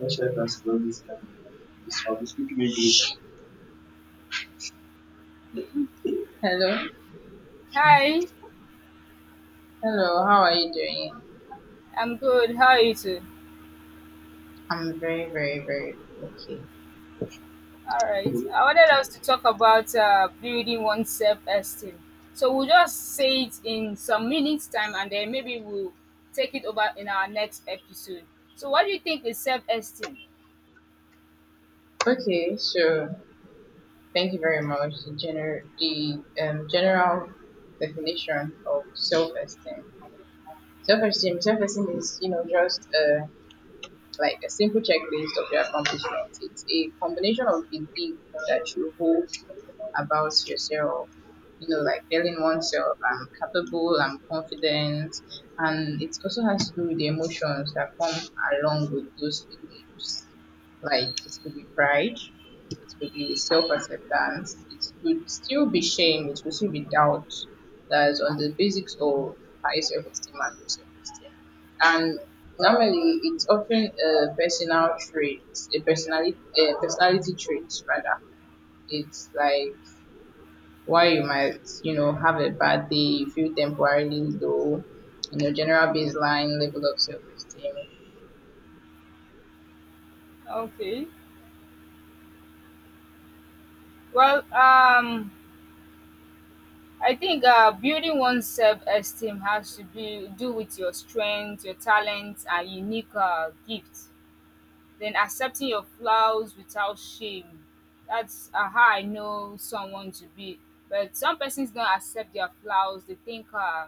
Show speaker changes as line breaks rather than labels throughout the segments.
How should I cast about this kind of? This one, we English. Hello.
Hi,
Hello, how are you doing?
I'm good. How are you too?
I'm very, very, very okay.
All right. I wanted us to talk about building one's self-esteem. So we'll just say it in some minutes time, and then maybe we'll take it over in our next episode. So what do you think is self-esteem?
Okay, so thank you very much. The general definition of self esteem. Self esteem is, just like a simple checklist of your accomplishments. It's a combination of belief that you hold about yourself. You know, like telling oneself, I'm capable, I'm confident. And it also has to do with the emotions that come along with those beliefs. Like it could be pride, it could be self acceptance, it could still be shame, it could still be doubt that is on the basics of high self esteem and low self esteem. And normally, it's often a personal trait, a personality trait rather. It's like why you might, you know, have a bad day, you feel temporarily low, and your general baseline level of self esteem.
Okay. Well, um, I think building one's self-esteem has to be do with your strength, your talent, and unique gifts. Then accepting your flaws without shame. That's how I know someone to be. But some persons don't accept their flaws. They think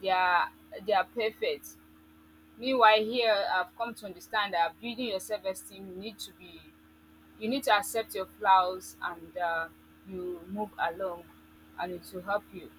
they are they are perfect. Meanwhile, here I've come to understand that building your self-esteem, you need to be, you need to accept your flaws and you move along, and it will help you.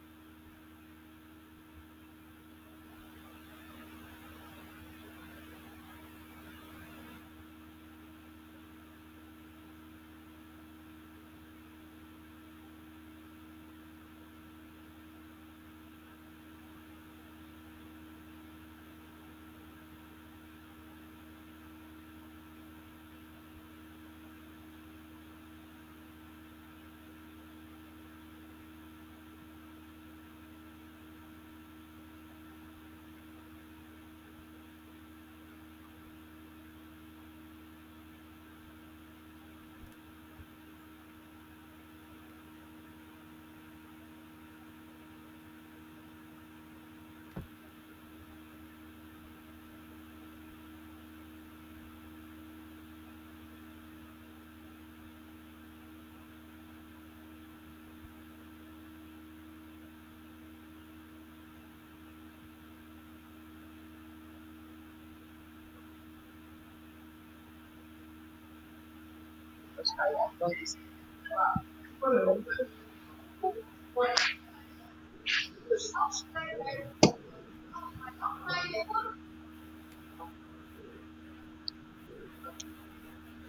Because how you have done this.